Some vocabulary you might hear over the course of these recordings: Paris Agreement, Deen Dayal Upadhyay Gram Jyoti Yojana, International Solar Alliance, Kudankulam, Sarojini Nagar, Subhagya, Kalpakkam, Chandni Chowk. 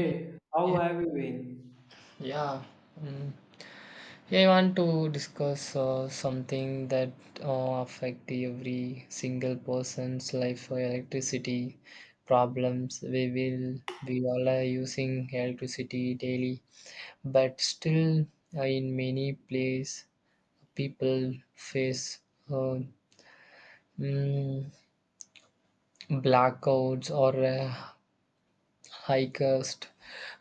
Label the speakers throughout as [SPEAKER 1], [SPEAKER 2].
[SPEAKER 1] Mm,
[SPEAKER 2] how
[SPEAKER 1] yeah,
[SPEAKER 2] have you been?
[SPEAKER 1] yeah. Mm. Yeah, I want to discuss something that affect every single person's life. Electricity problems. We all are using electricity daily, but still, in many place, people face uh, mm, blackouts or high cost.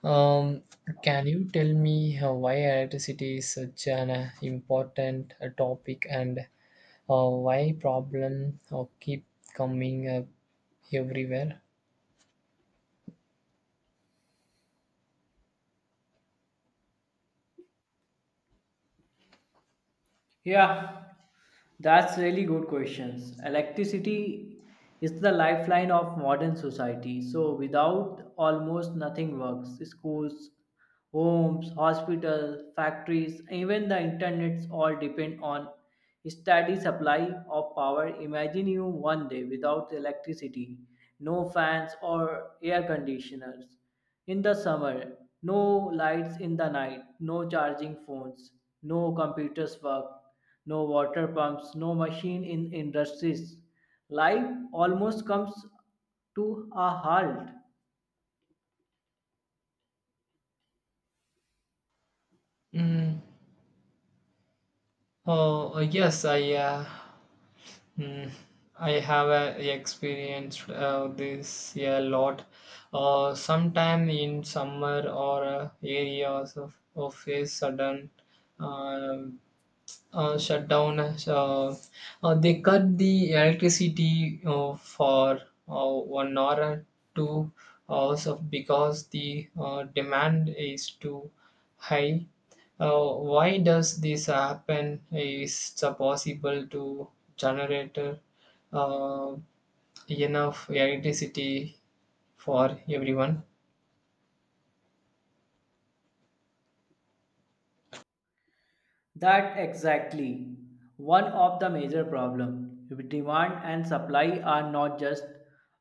[SPEAKER 1] Um, can you tell me why electricity is such an important topic, and why problem keep coming up everywhere?
[SPEAKER 2] Yeah, that's really good questions. Electricity is the lifeline of modern society. So without almost nothing works. Schools, homes, hospitals, factories, even the internets all depend on steady supply of power. Imagine you one day without electricity, no fans or air conditioners. In the summer, no lights in the night, no charging phones, no computers work, no water pumps, no machine in industries. Life almost comes to a halt.
[SPEAKER 1] Mm. Oh, yes, I mm, I have experienced this a lot. Sometime in summer or areas of a sudden uh, shut down. They cut the electricity for 1 hour or 2 hours of because the demand is too high. Why does this happen? Is it possible to generate uh, enough electricity for everyone?
[SPEAKER 2] That exactly one of the major problem. Demand and supply are not just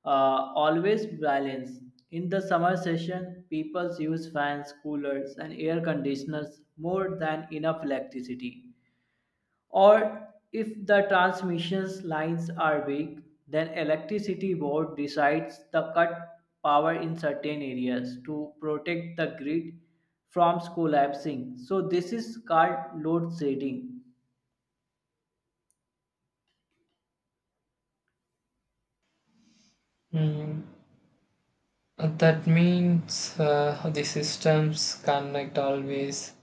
[SPEAKER 2] always balanced. In the summer session, people use fans, coolers, and air conditioners more than enough electricity. Or if the transmission lines are weak, then electricity board decides to cut power in certain areas to protect the grid from collapsing. So this is called load shedding.
[SPEAKER 1] Mm. That means the systems cannot always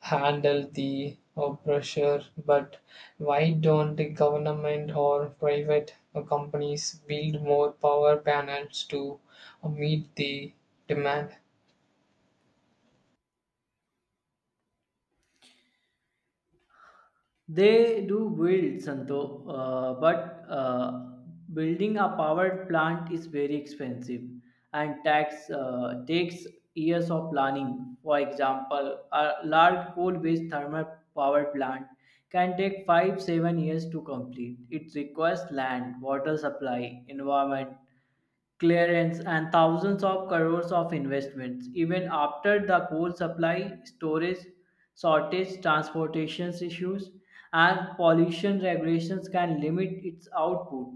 [SPEAKER 1] handle the pressure, but why don't the government or private companies build more power panels to meet the demand?
[SPEAKER 2] They do build, Santo, but building a power plant is very expensive and tax, takes years of planning. For example, a large coal-based thermal power plant can take 5 to 7 years to complete. It requires land, water supply, environment, clearance and thousands of crores of investments. Even after the coal supply, storage shortage, transportation issues, and pollution regulations can limit its output.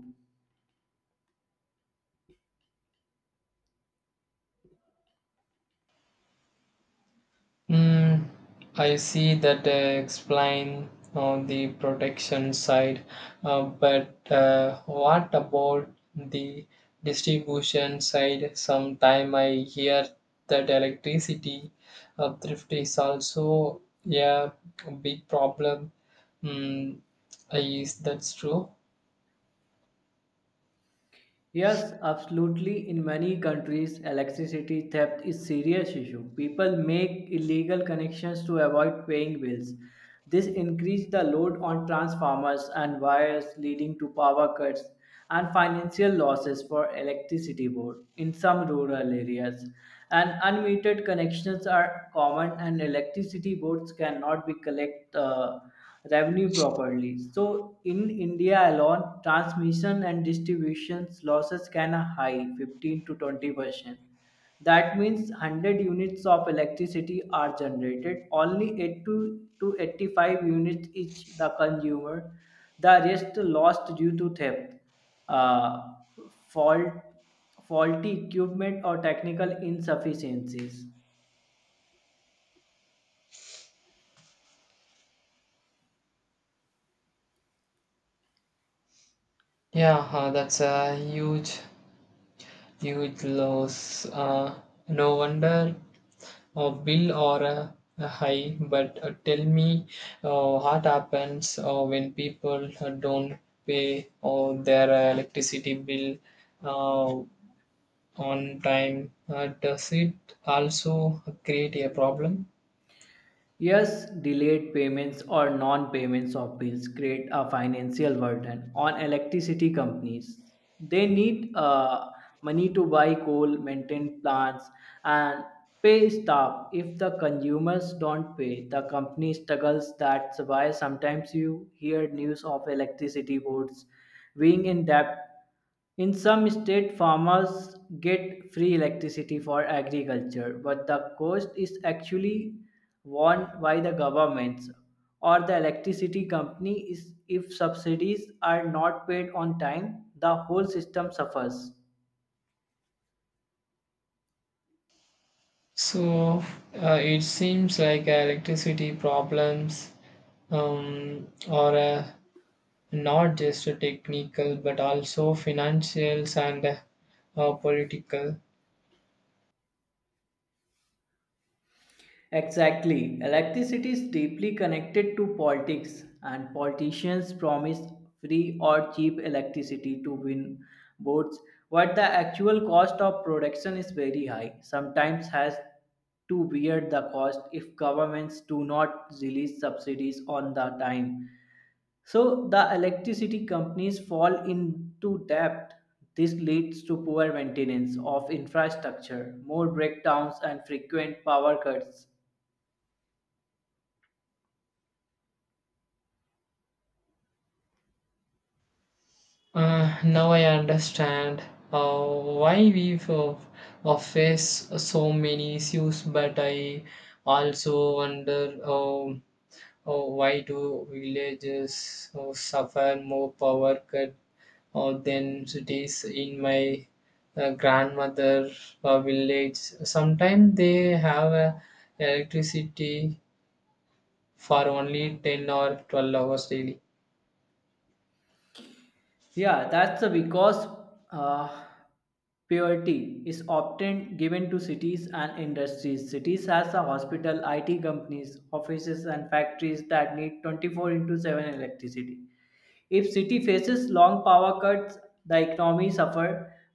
[SPEAKER 1] Mm, I see that, explain on the protection side, but what about the distribution side? Sometime I hear that electricity thrift is also, yeah, a big problem. Mm, is that's true?
[SPEAKER 2] Yes, absolutely. In many countries, electricity theft is serious issue. People make illegal connections to avoid paying bills. This increase the load on transformers and wires leading to power cuts and financial losses for electricity board in some rural areas. And unmetered connections are common and electricity boards cannot be collect revenue properly. So in India alone, transmission and distribution losses can high 15 to 20%. That means 100 units of electricity are generated. Only 8 to 85 units each the consumer. The rest lost due to theft, uh, fault, faulty equipment or technical insufficiencies.
[SPEAKER 1] Yeah, that's a huge loss. No wonder a bill or a high, but tell me what happens when people don't pay their electricity bill uh, on time? Does it also create a problem?
[SPEAKER 2] Yes, delayed payments or non payments of bills create a financial burden on electricity companies. They need money to buy coal, maintain plants, and pay staff. If the consumers don't pay, the company struggles. That's why sometimes you hear news of electricity boards being in debt in some states, farmers get free electricity for agriculture, but the cost is actually borne by the governments or the electricity company. Is if subsidies are not paid on time, the whole system suffers.
[SPEAKER 1] So it seems like electricity problems are, not just technical but also financial and political.
[SPEAKER 2] Exactly. Electricity is deeply connected to politics, and politicians promise free or cheap electricity to win votes, but the actual cost of production is very high. Sometimes has to bear the cost if governments do not release subsidies on the time. So the electricity companies fall into debt. This leads to poor maintenance of infrastructure, more breakdowns, and frequent power cuts.
[SPEAKER 1] Now I understand uh, why we face so many issues, but I also wonder, why do villages suffer more power cut than cities. In my grandmother village, sometimes they have electricity for only 10 or 12 hours daily.
[SPEAKER 2] Yeah, that's the because uh, priority is often given to cities and industries. Cities has a hospital, IT companies, offices, and factories that need 24 into 7 electricity. If city faces long power cuts, the economy suffer.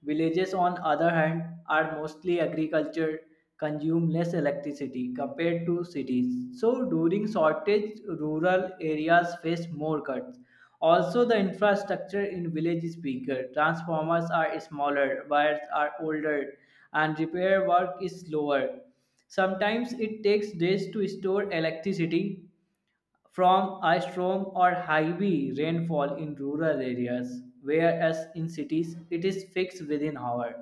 [SPEAKER 2] Villages, on other hand, are mostly agriculture, consume less electricity compared to cities. So during shortage, rural areas face more cuts. Also, the infrastructure in village is weaker. Transformers are smaller, wires are older, and repair work is slower. Sometimes it takes days to store electricity from a storm or heavy rainfall in rural areas, whereas in cities it is fixed within hours.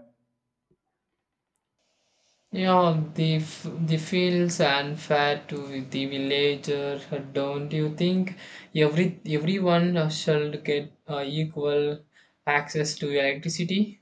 [SPEAKER 1] Yeah, the feels unfair to the villager, don't you think? Everyone shall get equal access to electricity.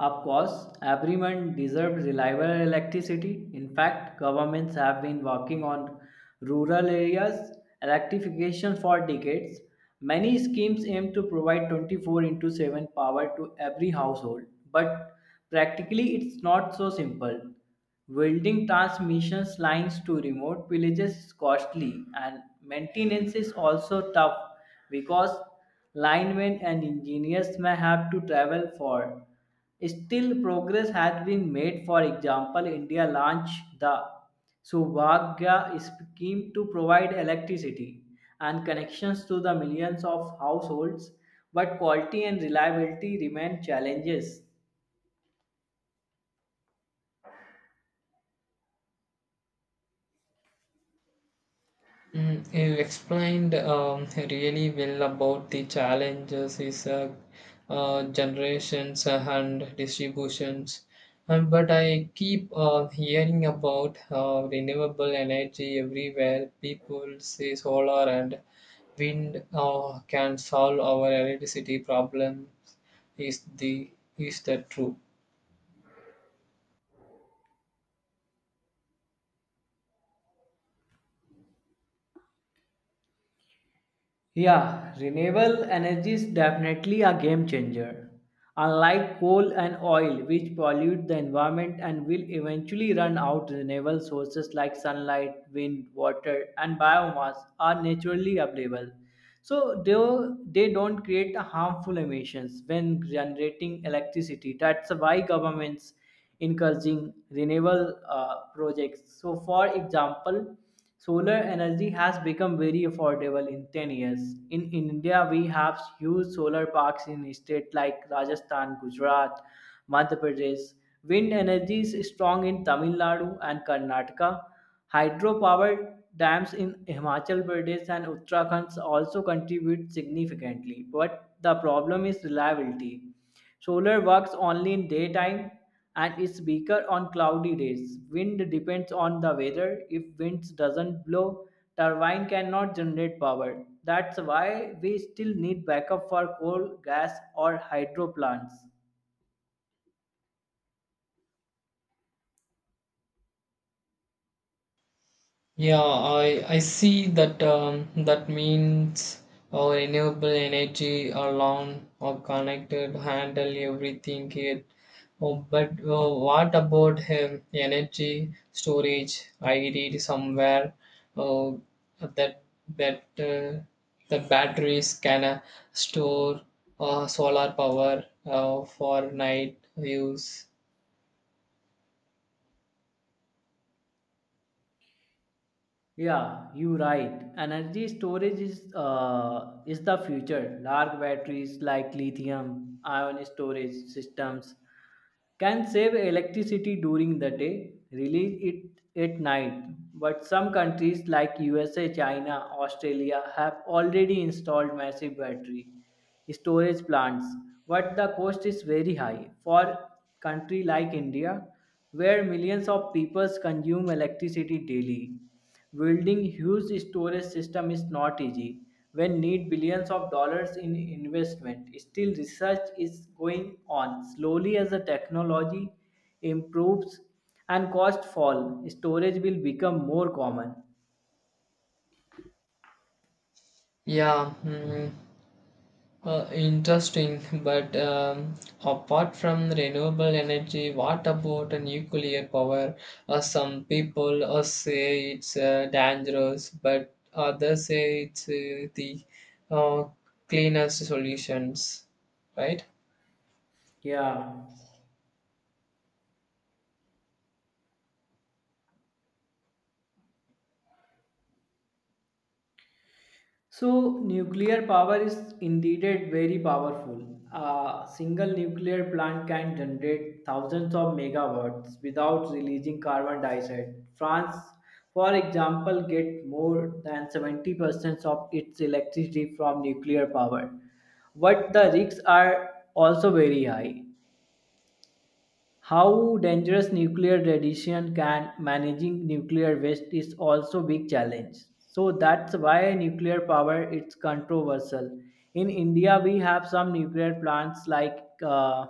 [SPEAKER 2] Of course, everyone deserves reliable electricity. In fact, governments have been working on rural areas electrification for decades. Many schemes aim to provide 24 into 7 power to every household, but practically it's not so simple. Welding transmission lines to remote villages is costly and maintenance is also tough because linemen and engineers may have to travel for. Still, progress has been made. For example, India launched the Subhagya scheme to provide electricity and connections to the millions of households, but quality and reliability remain challenges.
[SPEAKER 1] Mm, you explained, really well about the challenges is, generations and distributions. But I keep hearing about renewable energy everywhere. People say solar and wind can solve our electricity problems. Is the is that true
[SPEAKER 2] Yeah, renewable energy is definitely a game changer. Unlike coal and oil, which pollute the environment and will eventually run out, renewable sources like sunlight, wind, water, and biomass are naturally available. So they don't create harmful emissions when generating electricity. That's why governments encouraging renewable projects. So, for example, solar energy has become very affordable in 10 years. In India, we have huge solar parks in states like Rajasthan, Gujarat, Madhya Pradesh. Wind energy is strong in Tamil Nadu and Karnataka. Hydropower dams in Himachal Pradesh and Uttarakhand also contribute significantly, but the problem is reliability. Solar works only in daytime and is weaker on cloudy days. Wind depends on the weather. If winds doesn't blow, turbine cannot generate power. That's why we still need backup for coal, gas or hydro plants.
[SPEAKER 1] Yeah, I see that, that means our renewable energy alone or connected handle everything it. Oh, but what about, energy storage? I read somewhere uh, that that uh, the batteries can store solar power for night use.
[SPEAKER 2] Yeah, you're right. Energy storage is the future. Large batteries like lithium ion storage systems can save electricity during the day, release it at night. But some countries like USA, China, Australia have already installed massive battery storage plants, but the cost is very high for country like India where millions of people consume electricity daily. Building huge storage system is not easy when need billions of dollars in investment. Still research is going on. Slowly as the technology improves and cost fall, storage will become more common.
[SPEAKER 1] Yeah, mm, interesting, but, apart from renewable energy, what about a nuclear power? Some people say it's dangerous, but others say it's the uh, cleanest solutions, right?
[SPEAKER 2] Yeah. So, nuclear power is indeed very powerful. A single nuclear plant can generate thousands of megawatts without releasing carbon dioxide. France, for example, gets more than 70% of its electricity from nuclear power. But the risks are also very high. How dangerous nuclear radiation can managing nuclear waste is also big challenge. So that's why nuclear power is controversial. In India, we have some nuclear plants like uh,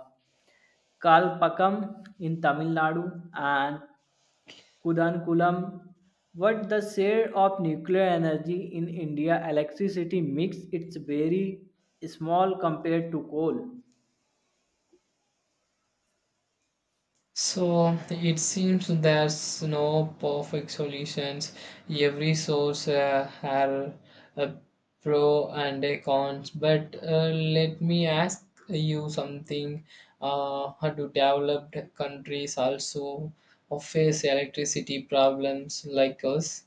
[SPEAKER 2] Kalpakkam in Tamil Nadu and Kudankulam. But the share of nuclear energy in India electricity mix it's very small compared to coal.
[SPEAKER 1] So it seems there's no perfect solutions. Every source has a pro and a cons. But let me ask you something. How do developed countries also face electricity problems like us?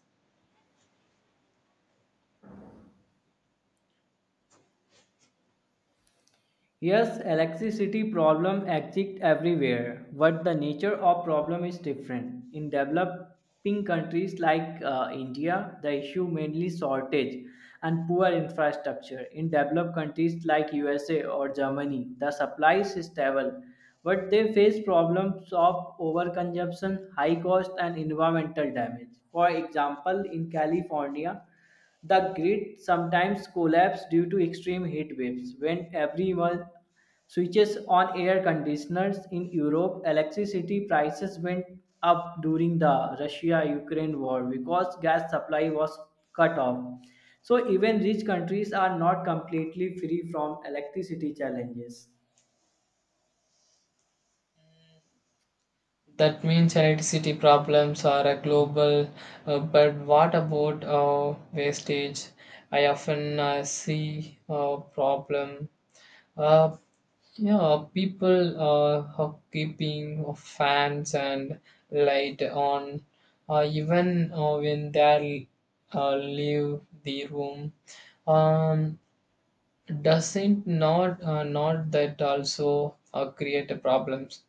[SPEAKER 2] Yes, electricity problem exists everywhere, but the nature of problem is different. In developing countries like India, the issue mainly shortage and poor infrastructure. In developed countries like USA or Germany, the supply is stable, but they face problems of overconsumption, high cost, and environmental damage. For example, in California, the grid sometimes collapses due to extreme heat waves. When everyone switches on air conditioners in Europe, electricity prices went up during the Russia Ukraine war because gas supply was cut off. So, even rich countries are not completely free from electricity challenges.
[SPEAKER 1] That means electricity problems are a global, but what about wastage? I often see a problem. Uh, yeah, people are keeping fans and light on, even when they leave the room. Um, doesn't not, not that also create problems?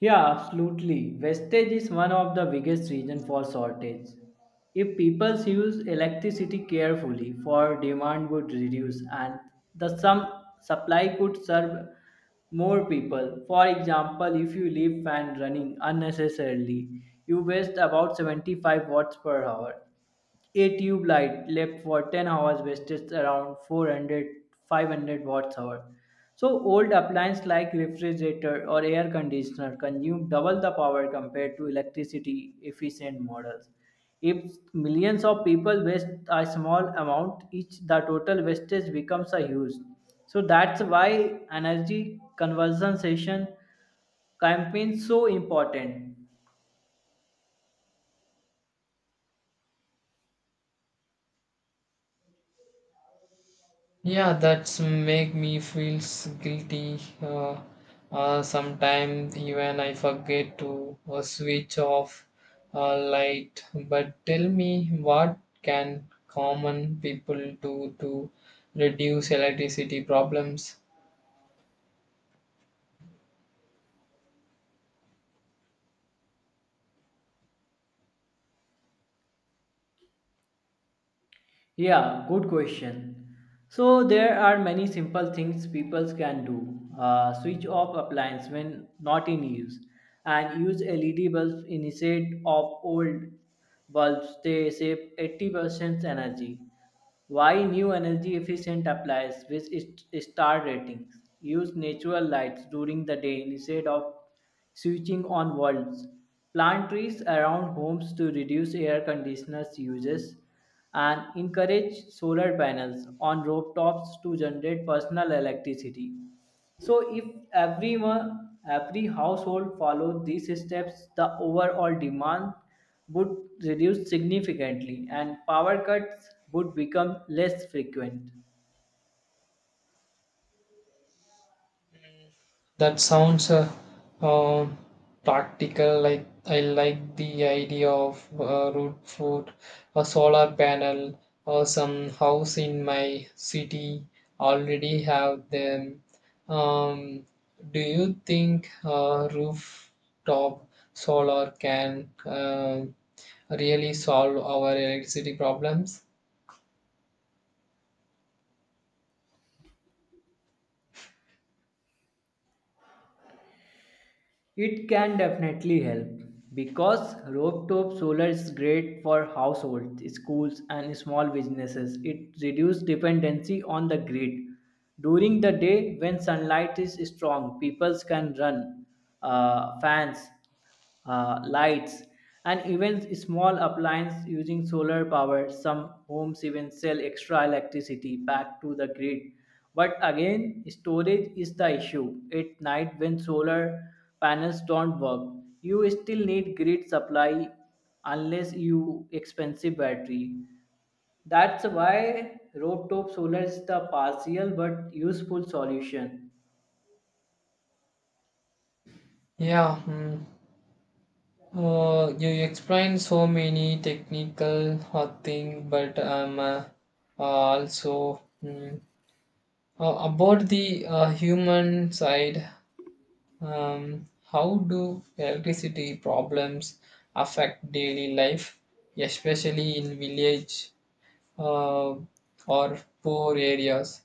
[SPEAKER 2] Yeah, absolutely. Wastage is one of the biggest reason for shortage. If people use electricity carefully, for demand would reduce and the some supply could serve more people. For example, if you leave fan running unnecessarily, you waste about 75 watts per hour. A tube light left for 10 hours wastes around 400 500 watts hour. So old appliances like refrigerator or air conditioner consume double the power compared to electricity efficient models. If millions of people waste a small amount each, the total wastage becomes a huge. So that's why energy conservation campaigns so important.
[SPEAKER 1] Yeah, that's make me feels guilty. Sometimes even I forget to switch off light. But tell me, what can common people do to reduce electricity problems?
[SPEAKER 2] Yeah, good question. So there are many simple things people can do. Switch off appliance when not in use, and use LED bulbs instead of old bulbs. They save 80% energy. Why new energy efficient appliances with its star ratings? Use natural lights during the day instead of switching on bulbs. Plant trees around homes to reduce air conditioners uses and encourage solar panels on rooftops to generate personal electricity. So if every household followed these steps, the overall demand would reduce significantly and power cuts would become less frequent.
[SPEAKER 1] That sounds, um practical. Like I like the idea of root food, a solar panel, or some house in my city already have them. Um, do you think rooftop solar can uh, really solve our electricity problems?
[SPEAKER 2] It can definitely help because rooftop solar is great for households, schools, and small businesses. It reduces dependency on the grid. During the day, when sunlight is strong, people can run fans lights, and even small appliances using solar power. Some homes even sell extra electricity back to the grid. But again, storage is the issue. At night, when solar panels don't work, you still need grid supply unless you expensive battery. That's why rooftop solar is the partial but useful solution.
[SPEAKER 1] Yeah. You explained so many technical hot thing, but I'm also, about the human side. How do electricity problems affect daily life, especially in village, uh, or poor areas?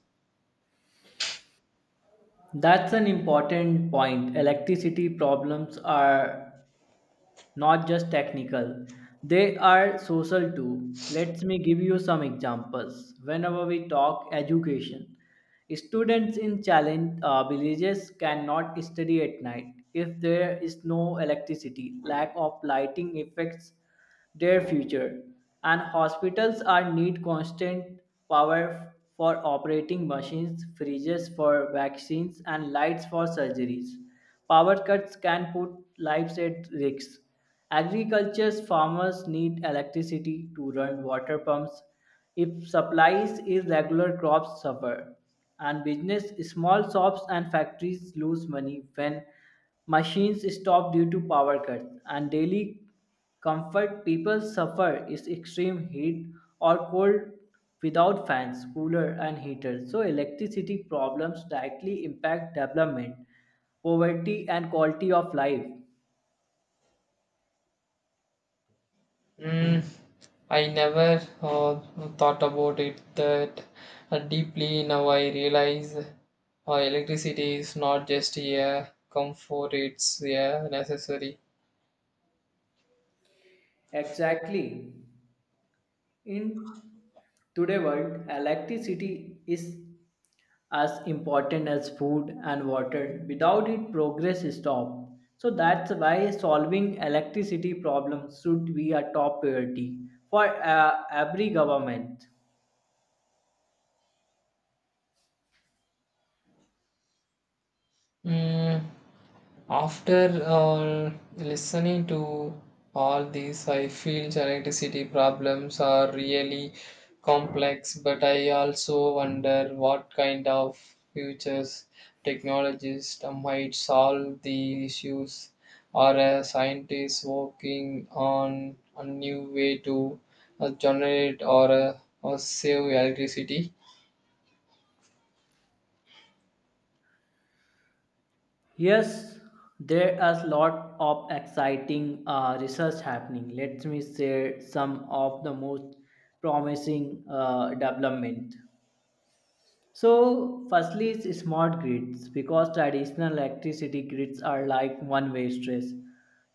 [SPEAKER 2] That's an important point. Electricity problems are not just technical. They are social too. Let me give you some examples. Whenever we talk education, students in challenge villages cannot study at night if there is no electricity. Lack of lighting affects their future, and hospitals are need constant power for operating machines, freezers for vaccines, and lights for surgeries. Power cuts can put lives at risk. Agriculture's farmers need electricity to run water pumps. If supplies is regular crops suffer, and business small shops and factories lose money when machines stop due to power cuts and daily Comfort people suffer is extreme heat or cold without fans, cooler and heaters. So electricity problems directly impact development, poverty and quality of life.
[SPEAKER 1] Mm, I never thought about it that deeply. Now I realize electricity is not just a comfort, it's a necessary.
[SPEAKER 2] Exactly. In today world, electricity is as important as food and water. Without it, progress stops. So that's why solving electricity problems should be a top priority for every government.
[SPEAKER 1] Mm, after listening to all these, I feel geneticity problems are really complex, but I also wonder what kind of futures technologies might solve the issues, or a scientist working on a new way to generate or save electricity.
[SPEAKER 2] Yes, there is a lot of exciting research happening. Let me share some of the most promising development. So, firstly, is smart grids because traditional electricity grids are like one way streets.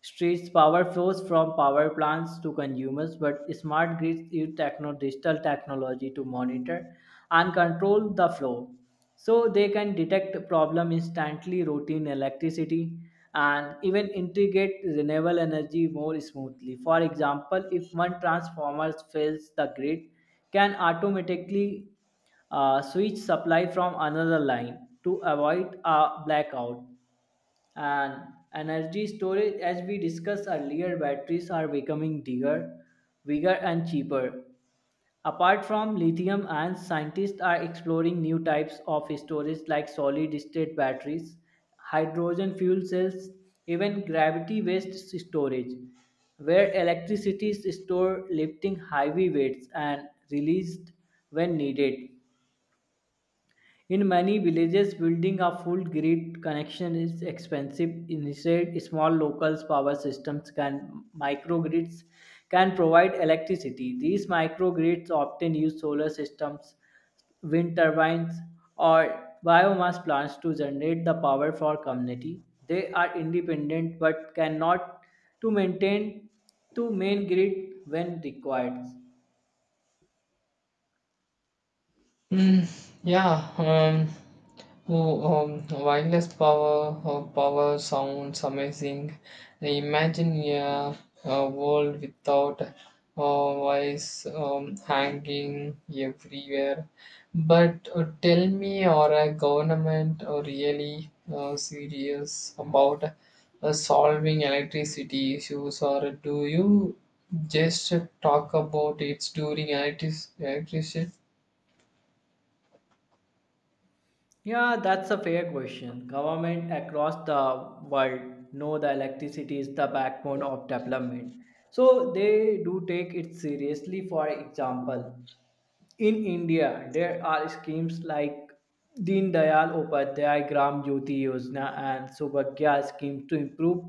[SPEAKER 2] Streets power flows from power plants to consumers, but smart grids use digital technology to monitor and control the flow. So, they can detect the problem instantly, routine electricity, and even integrate renewable energy more smoothly. For example, if one transformer fails, the grid can automatically switch supply from another line to avoid a blackout. And energy storage, as we discussed earlier, batteries are becoming bigger and cheaper. Apart from lithium, and scientists are exploring new types of storage like solid state batteries, hydrogen fuel cells, even gravity based storage, where electricity is stored lifting heavy weights and released when needed. In many villages, building a full grid connection is expensive. Instead, small local power systems can microgrids can provide electricity. These microgrids often use solar systems, wind turbines, or biomass plants to generate the power for community. They are independent but cannot to maintain to main grid when required.
[SPEAKER 1] Mm, yeah. Oh, Wireless power or power sounds amazing. Imagine a world without wires, hanging everywhere. But tell me, are a government really serious about solving electricity issues, or do you just talk about it during electricity?
[SPEAKER 2] Yeah, that's a fair question. Government across the world know the electricity is the backbone of development. So they do take it seriously. For example, in India, there are schemes like Deen Dayal Upadhyay Gram Jyoti Yojana and Subhagya scheme to improve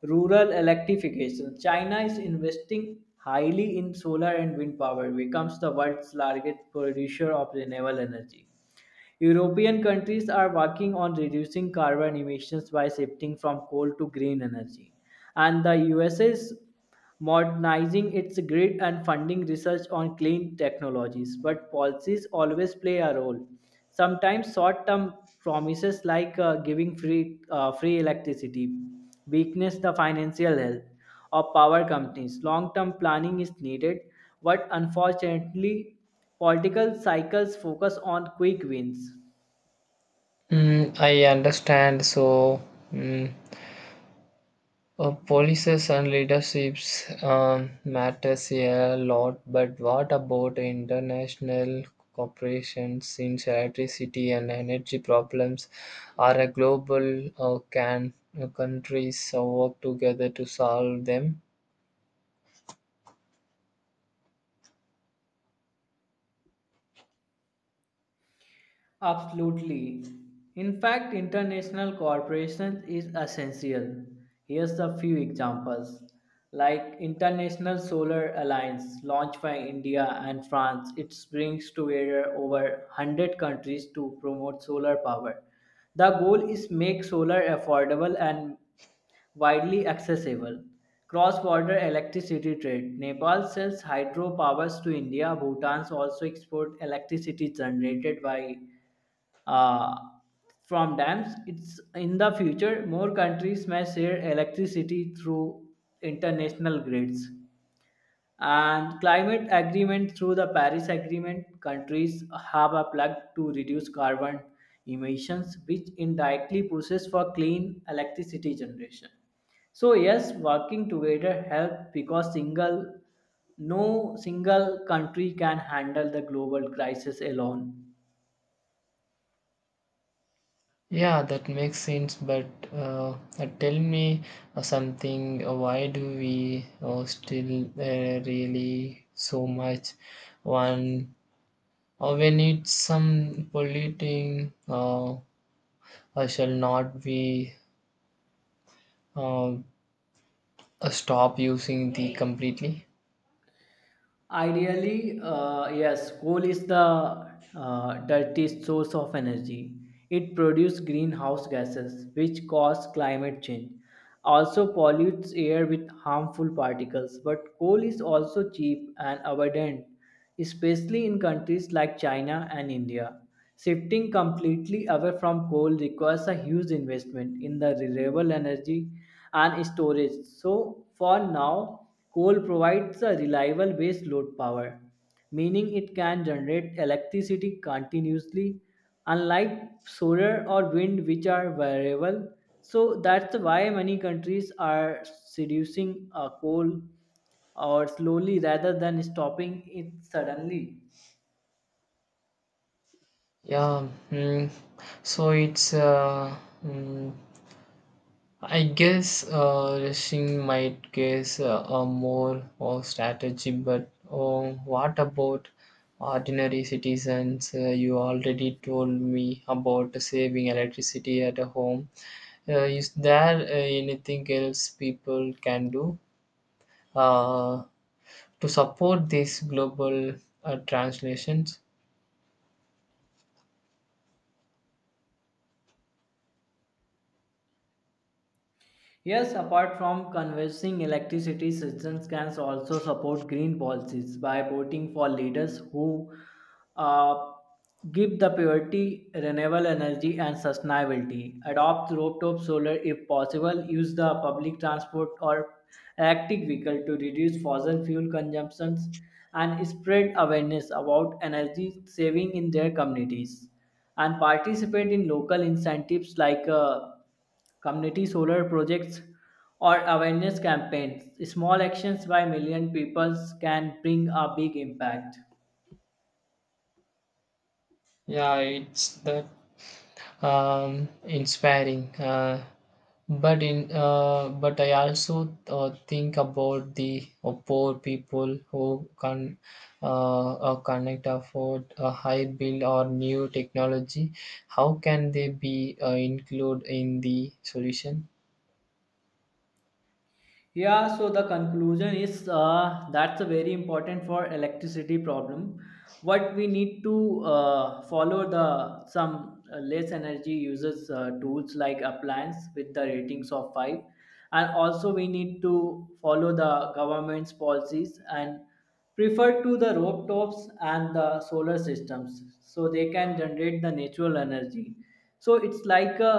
[SPEAKER 2] rural electrification. China is investing highly in solar and wind power, becomes the world's largest producer of renewable energy. European countries are working on reducing carbon emissions by shifting from coal to green energy. And the U.S. is modernizing its grid and funding research on clean technologies. But policies always play a role. Sometimes short term promises like giving free, free electricity weakness the financial health of power companies. Long term planning is needed, but unfortunately, political cycles focus on quick wins.
[SPEAKER 1] Mm, I understand. Mm Policies and leaderships, matters a lot, but what about international corporations? Since electricity and energy problems are a global, can countries work together to solve them?
[SPEAKER 2] Absolutely. In fact, international cooperation is essential. Here's a few examples. Like International Solar Alliance, launched by India and France, it brings together over 100 countries to promote solar power. The goal is make solar affordable and widely accessible. Cross-border electricity trade. Nepal sells hydro powers to India. Bhutan also export electricity generated by uh, from dams. It's in the future more countries may share electricity through international grids and climate agreement through the Paris Agreement. Countries have a pledge to reduce carbon emissions, which indirectly pushes for clean electricity generation. So yes, working together help because single no single country can handle the global crisis alone.
[SPEAKER 1] Yeah, that makes sense. But uh, tell me something. Why do we still really so much one, when it's some polluting, I shall not be uh, uh, stop using the completely.
[SPEAKER 2] Ideally, yes, coal is the dirtiest source of energy. It produces greenhouse gases, which cause climate change. Also pollutes air with harmful particles. But coal is also cheap and abundant, especially in countries like China and India. Shifting completely away from coal requires a huge investment in the renewable energy and storage. So, for now, coal provides a reliable base load power, meaning it can generate electricity continuously, unlike solar or wind, which are variable. So, that's why many countries are seducing coal or slowly rather than stopping it suddenly.
[SPEAKER 1] Yeah, so it's, mm, I guess rushing might guess a more or strategy, but oh, what about ordinary citizens? You already told me about saving electricity at a home. Is there anything else people can do uh, to support these global translations?
[SPEAKER 2] Yes, apart from conversing, electricity systems can also support green policies by voting for leaders who uh, give the priority renewable energy and sustainability, adopt rooftop solar if possible, use the public transport or electric vehicle to reduce fossil fuel consumptions, and spread awareness about energy saving in their communities, and participate in local incentives like community solar projects, or awareness campaigns. Small actions by million people can bring a big impact.
[SPEAKER 1] Yeah, it's that. Inspiring. But I also think about the poor people who can connect afford a high bill or new technology. How can they be included in the solution?
[SPEAKER 2] Yeah, so the conclusion is that's a very important for electricity problem. What we need to follow the some less energy uses tools like appliance with the ratings of 5, and also we need to follow the government's policies and prefer to the rooftops and the solar systems so they can generate the natural energy. So it's like a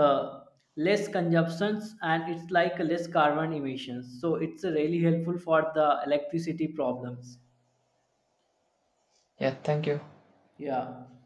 [SPEAKER 2] uh, less consumptions, and it's like a less carbon emissions, so it's really helpful for the electricity problems.
[SPEAKER 1] Yeah, thank you.
[SPEAKER 2] Yeah.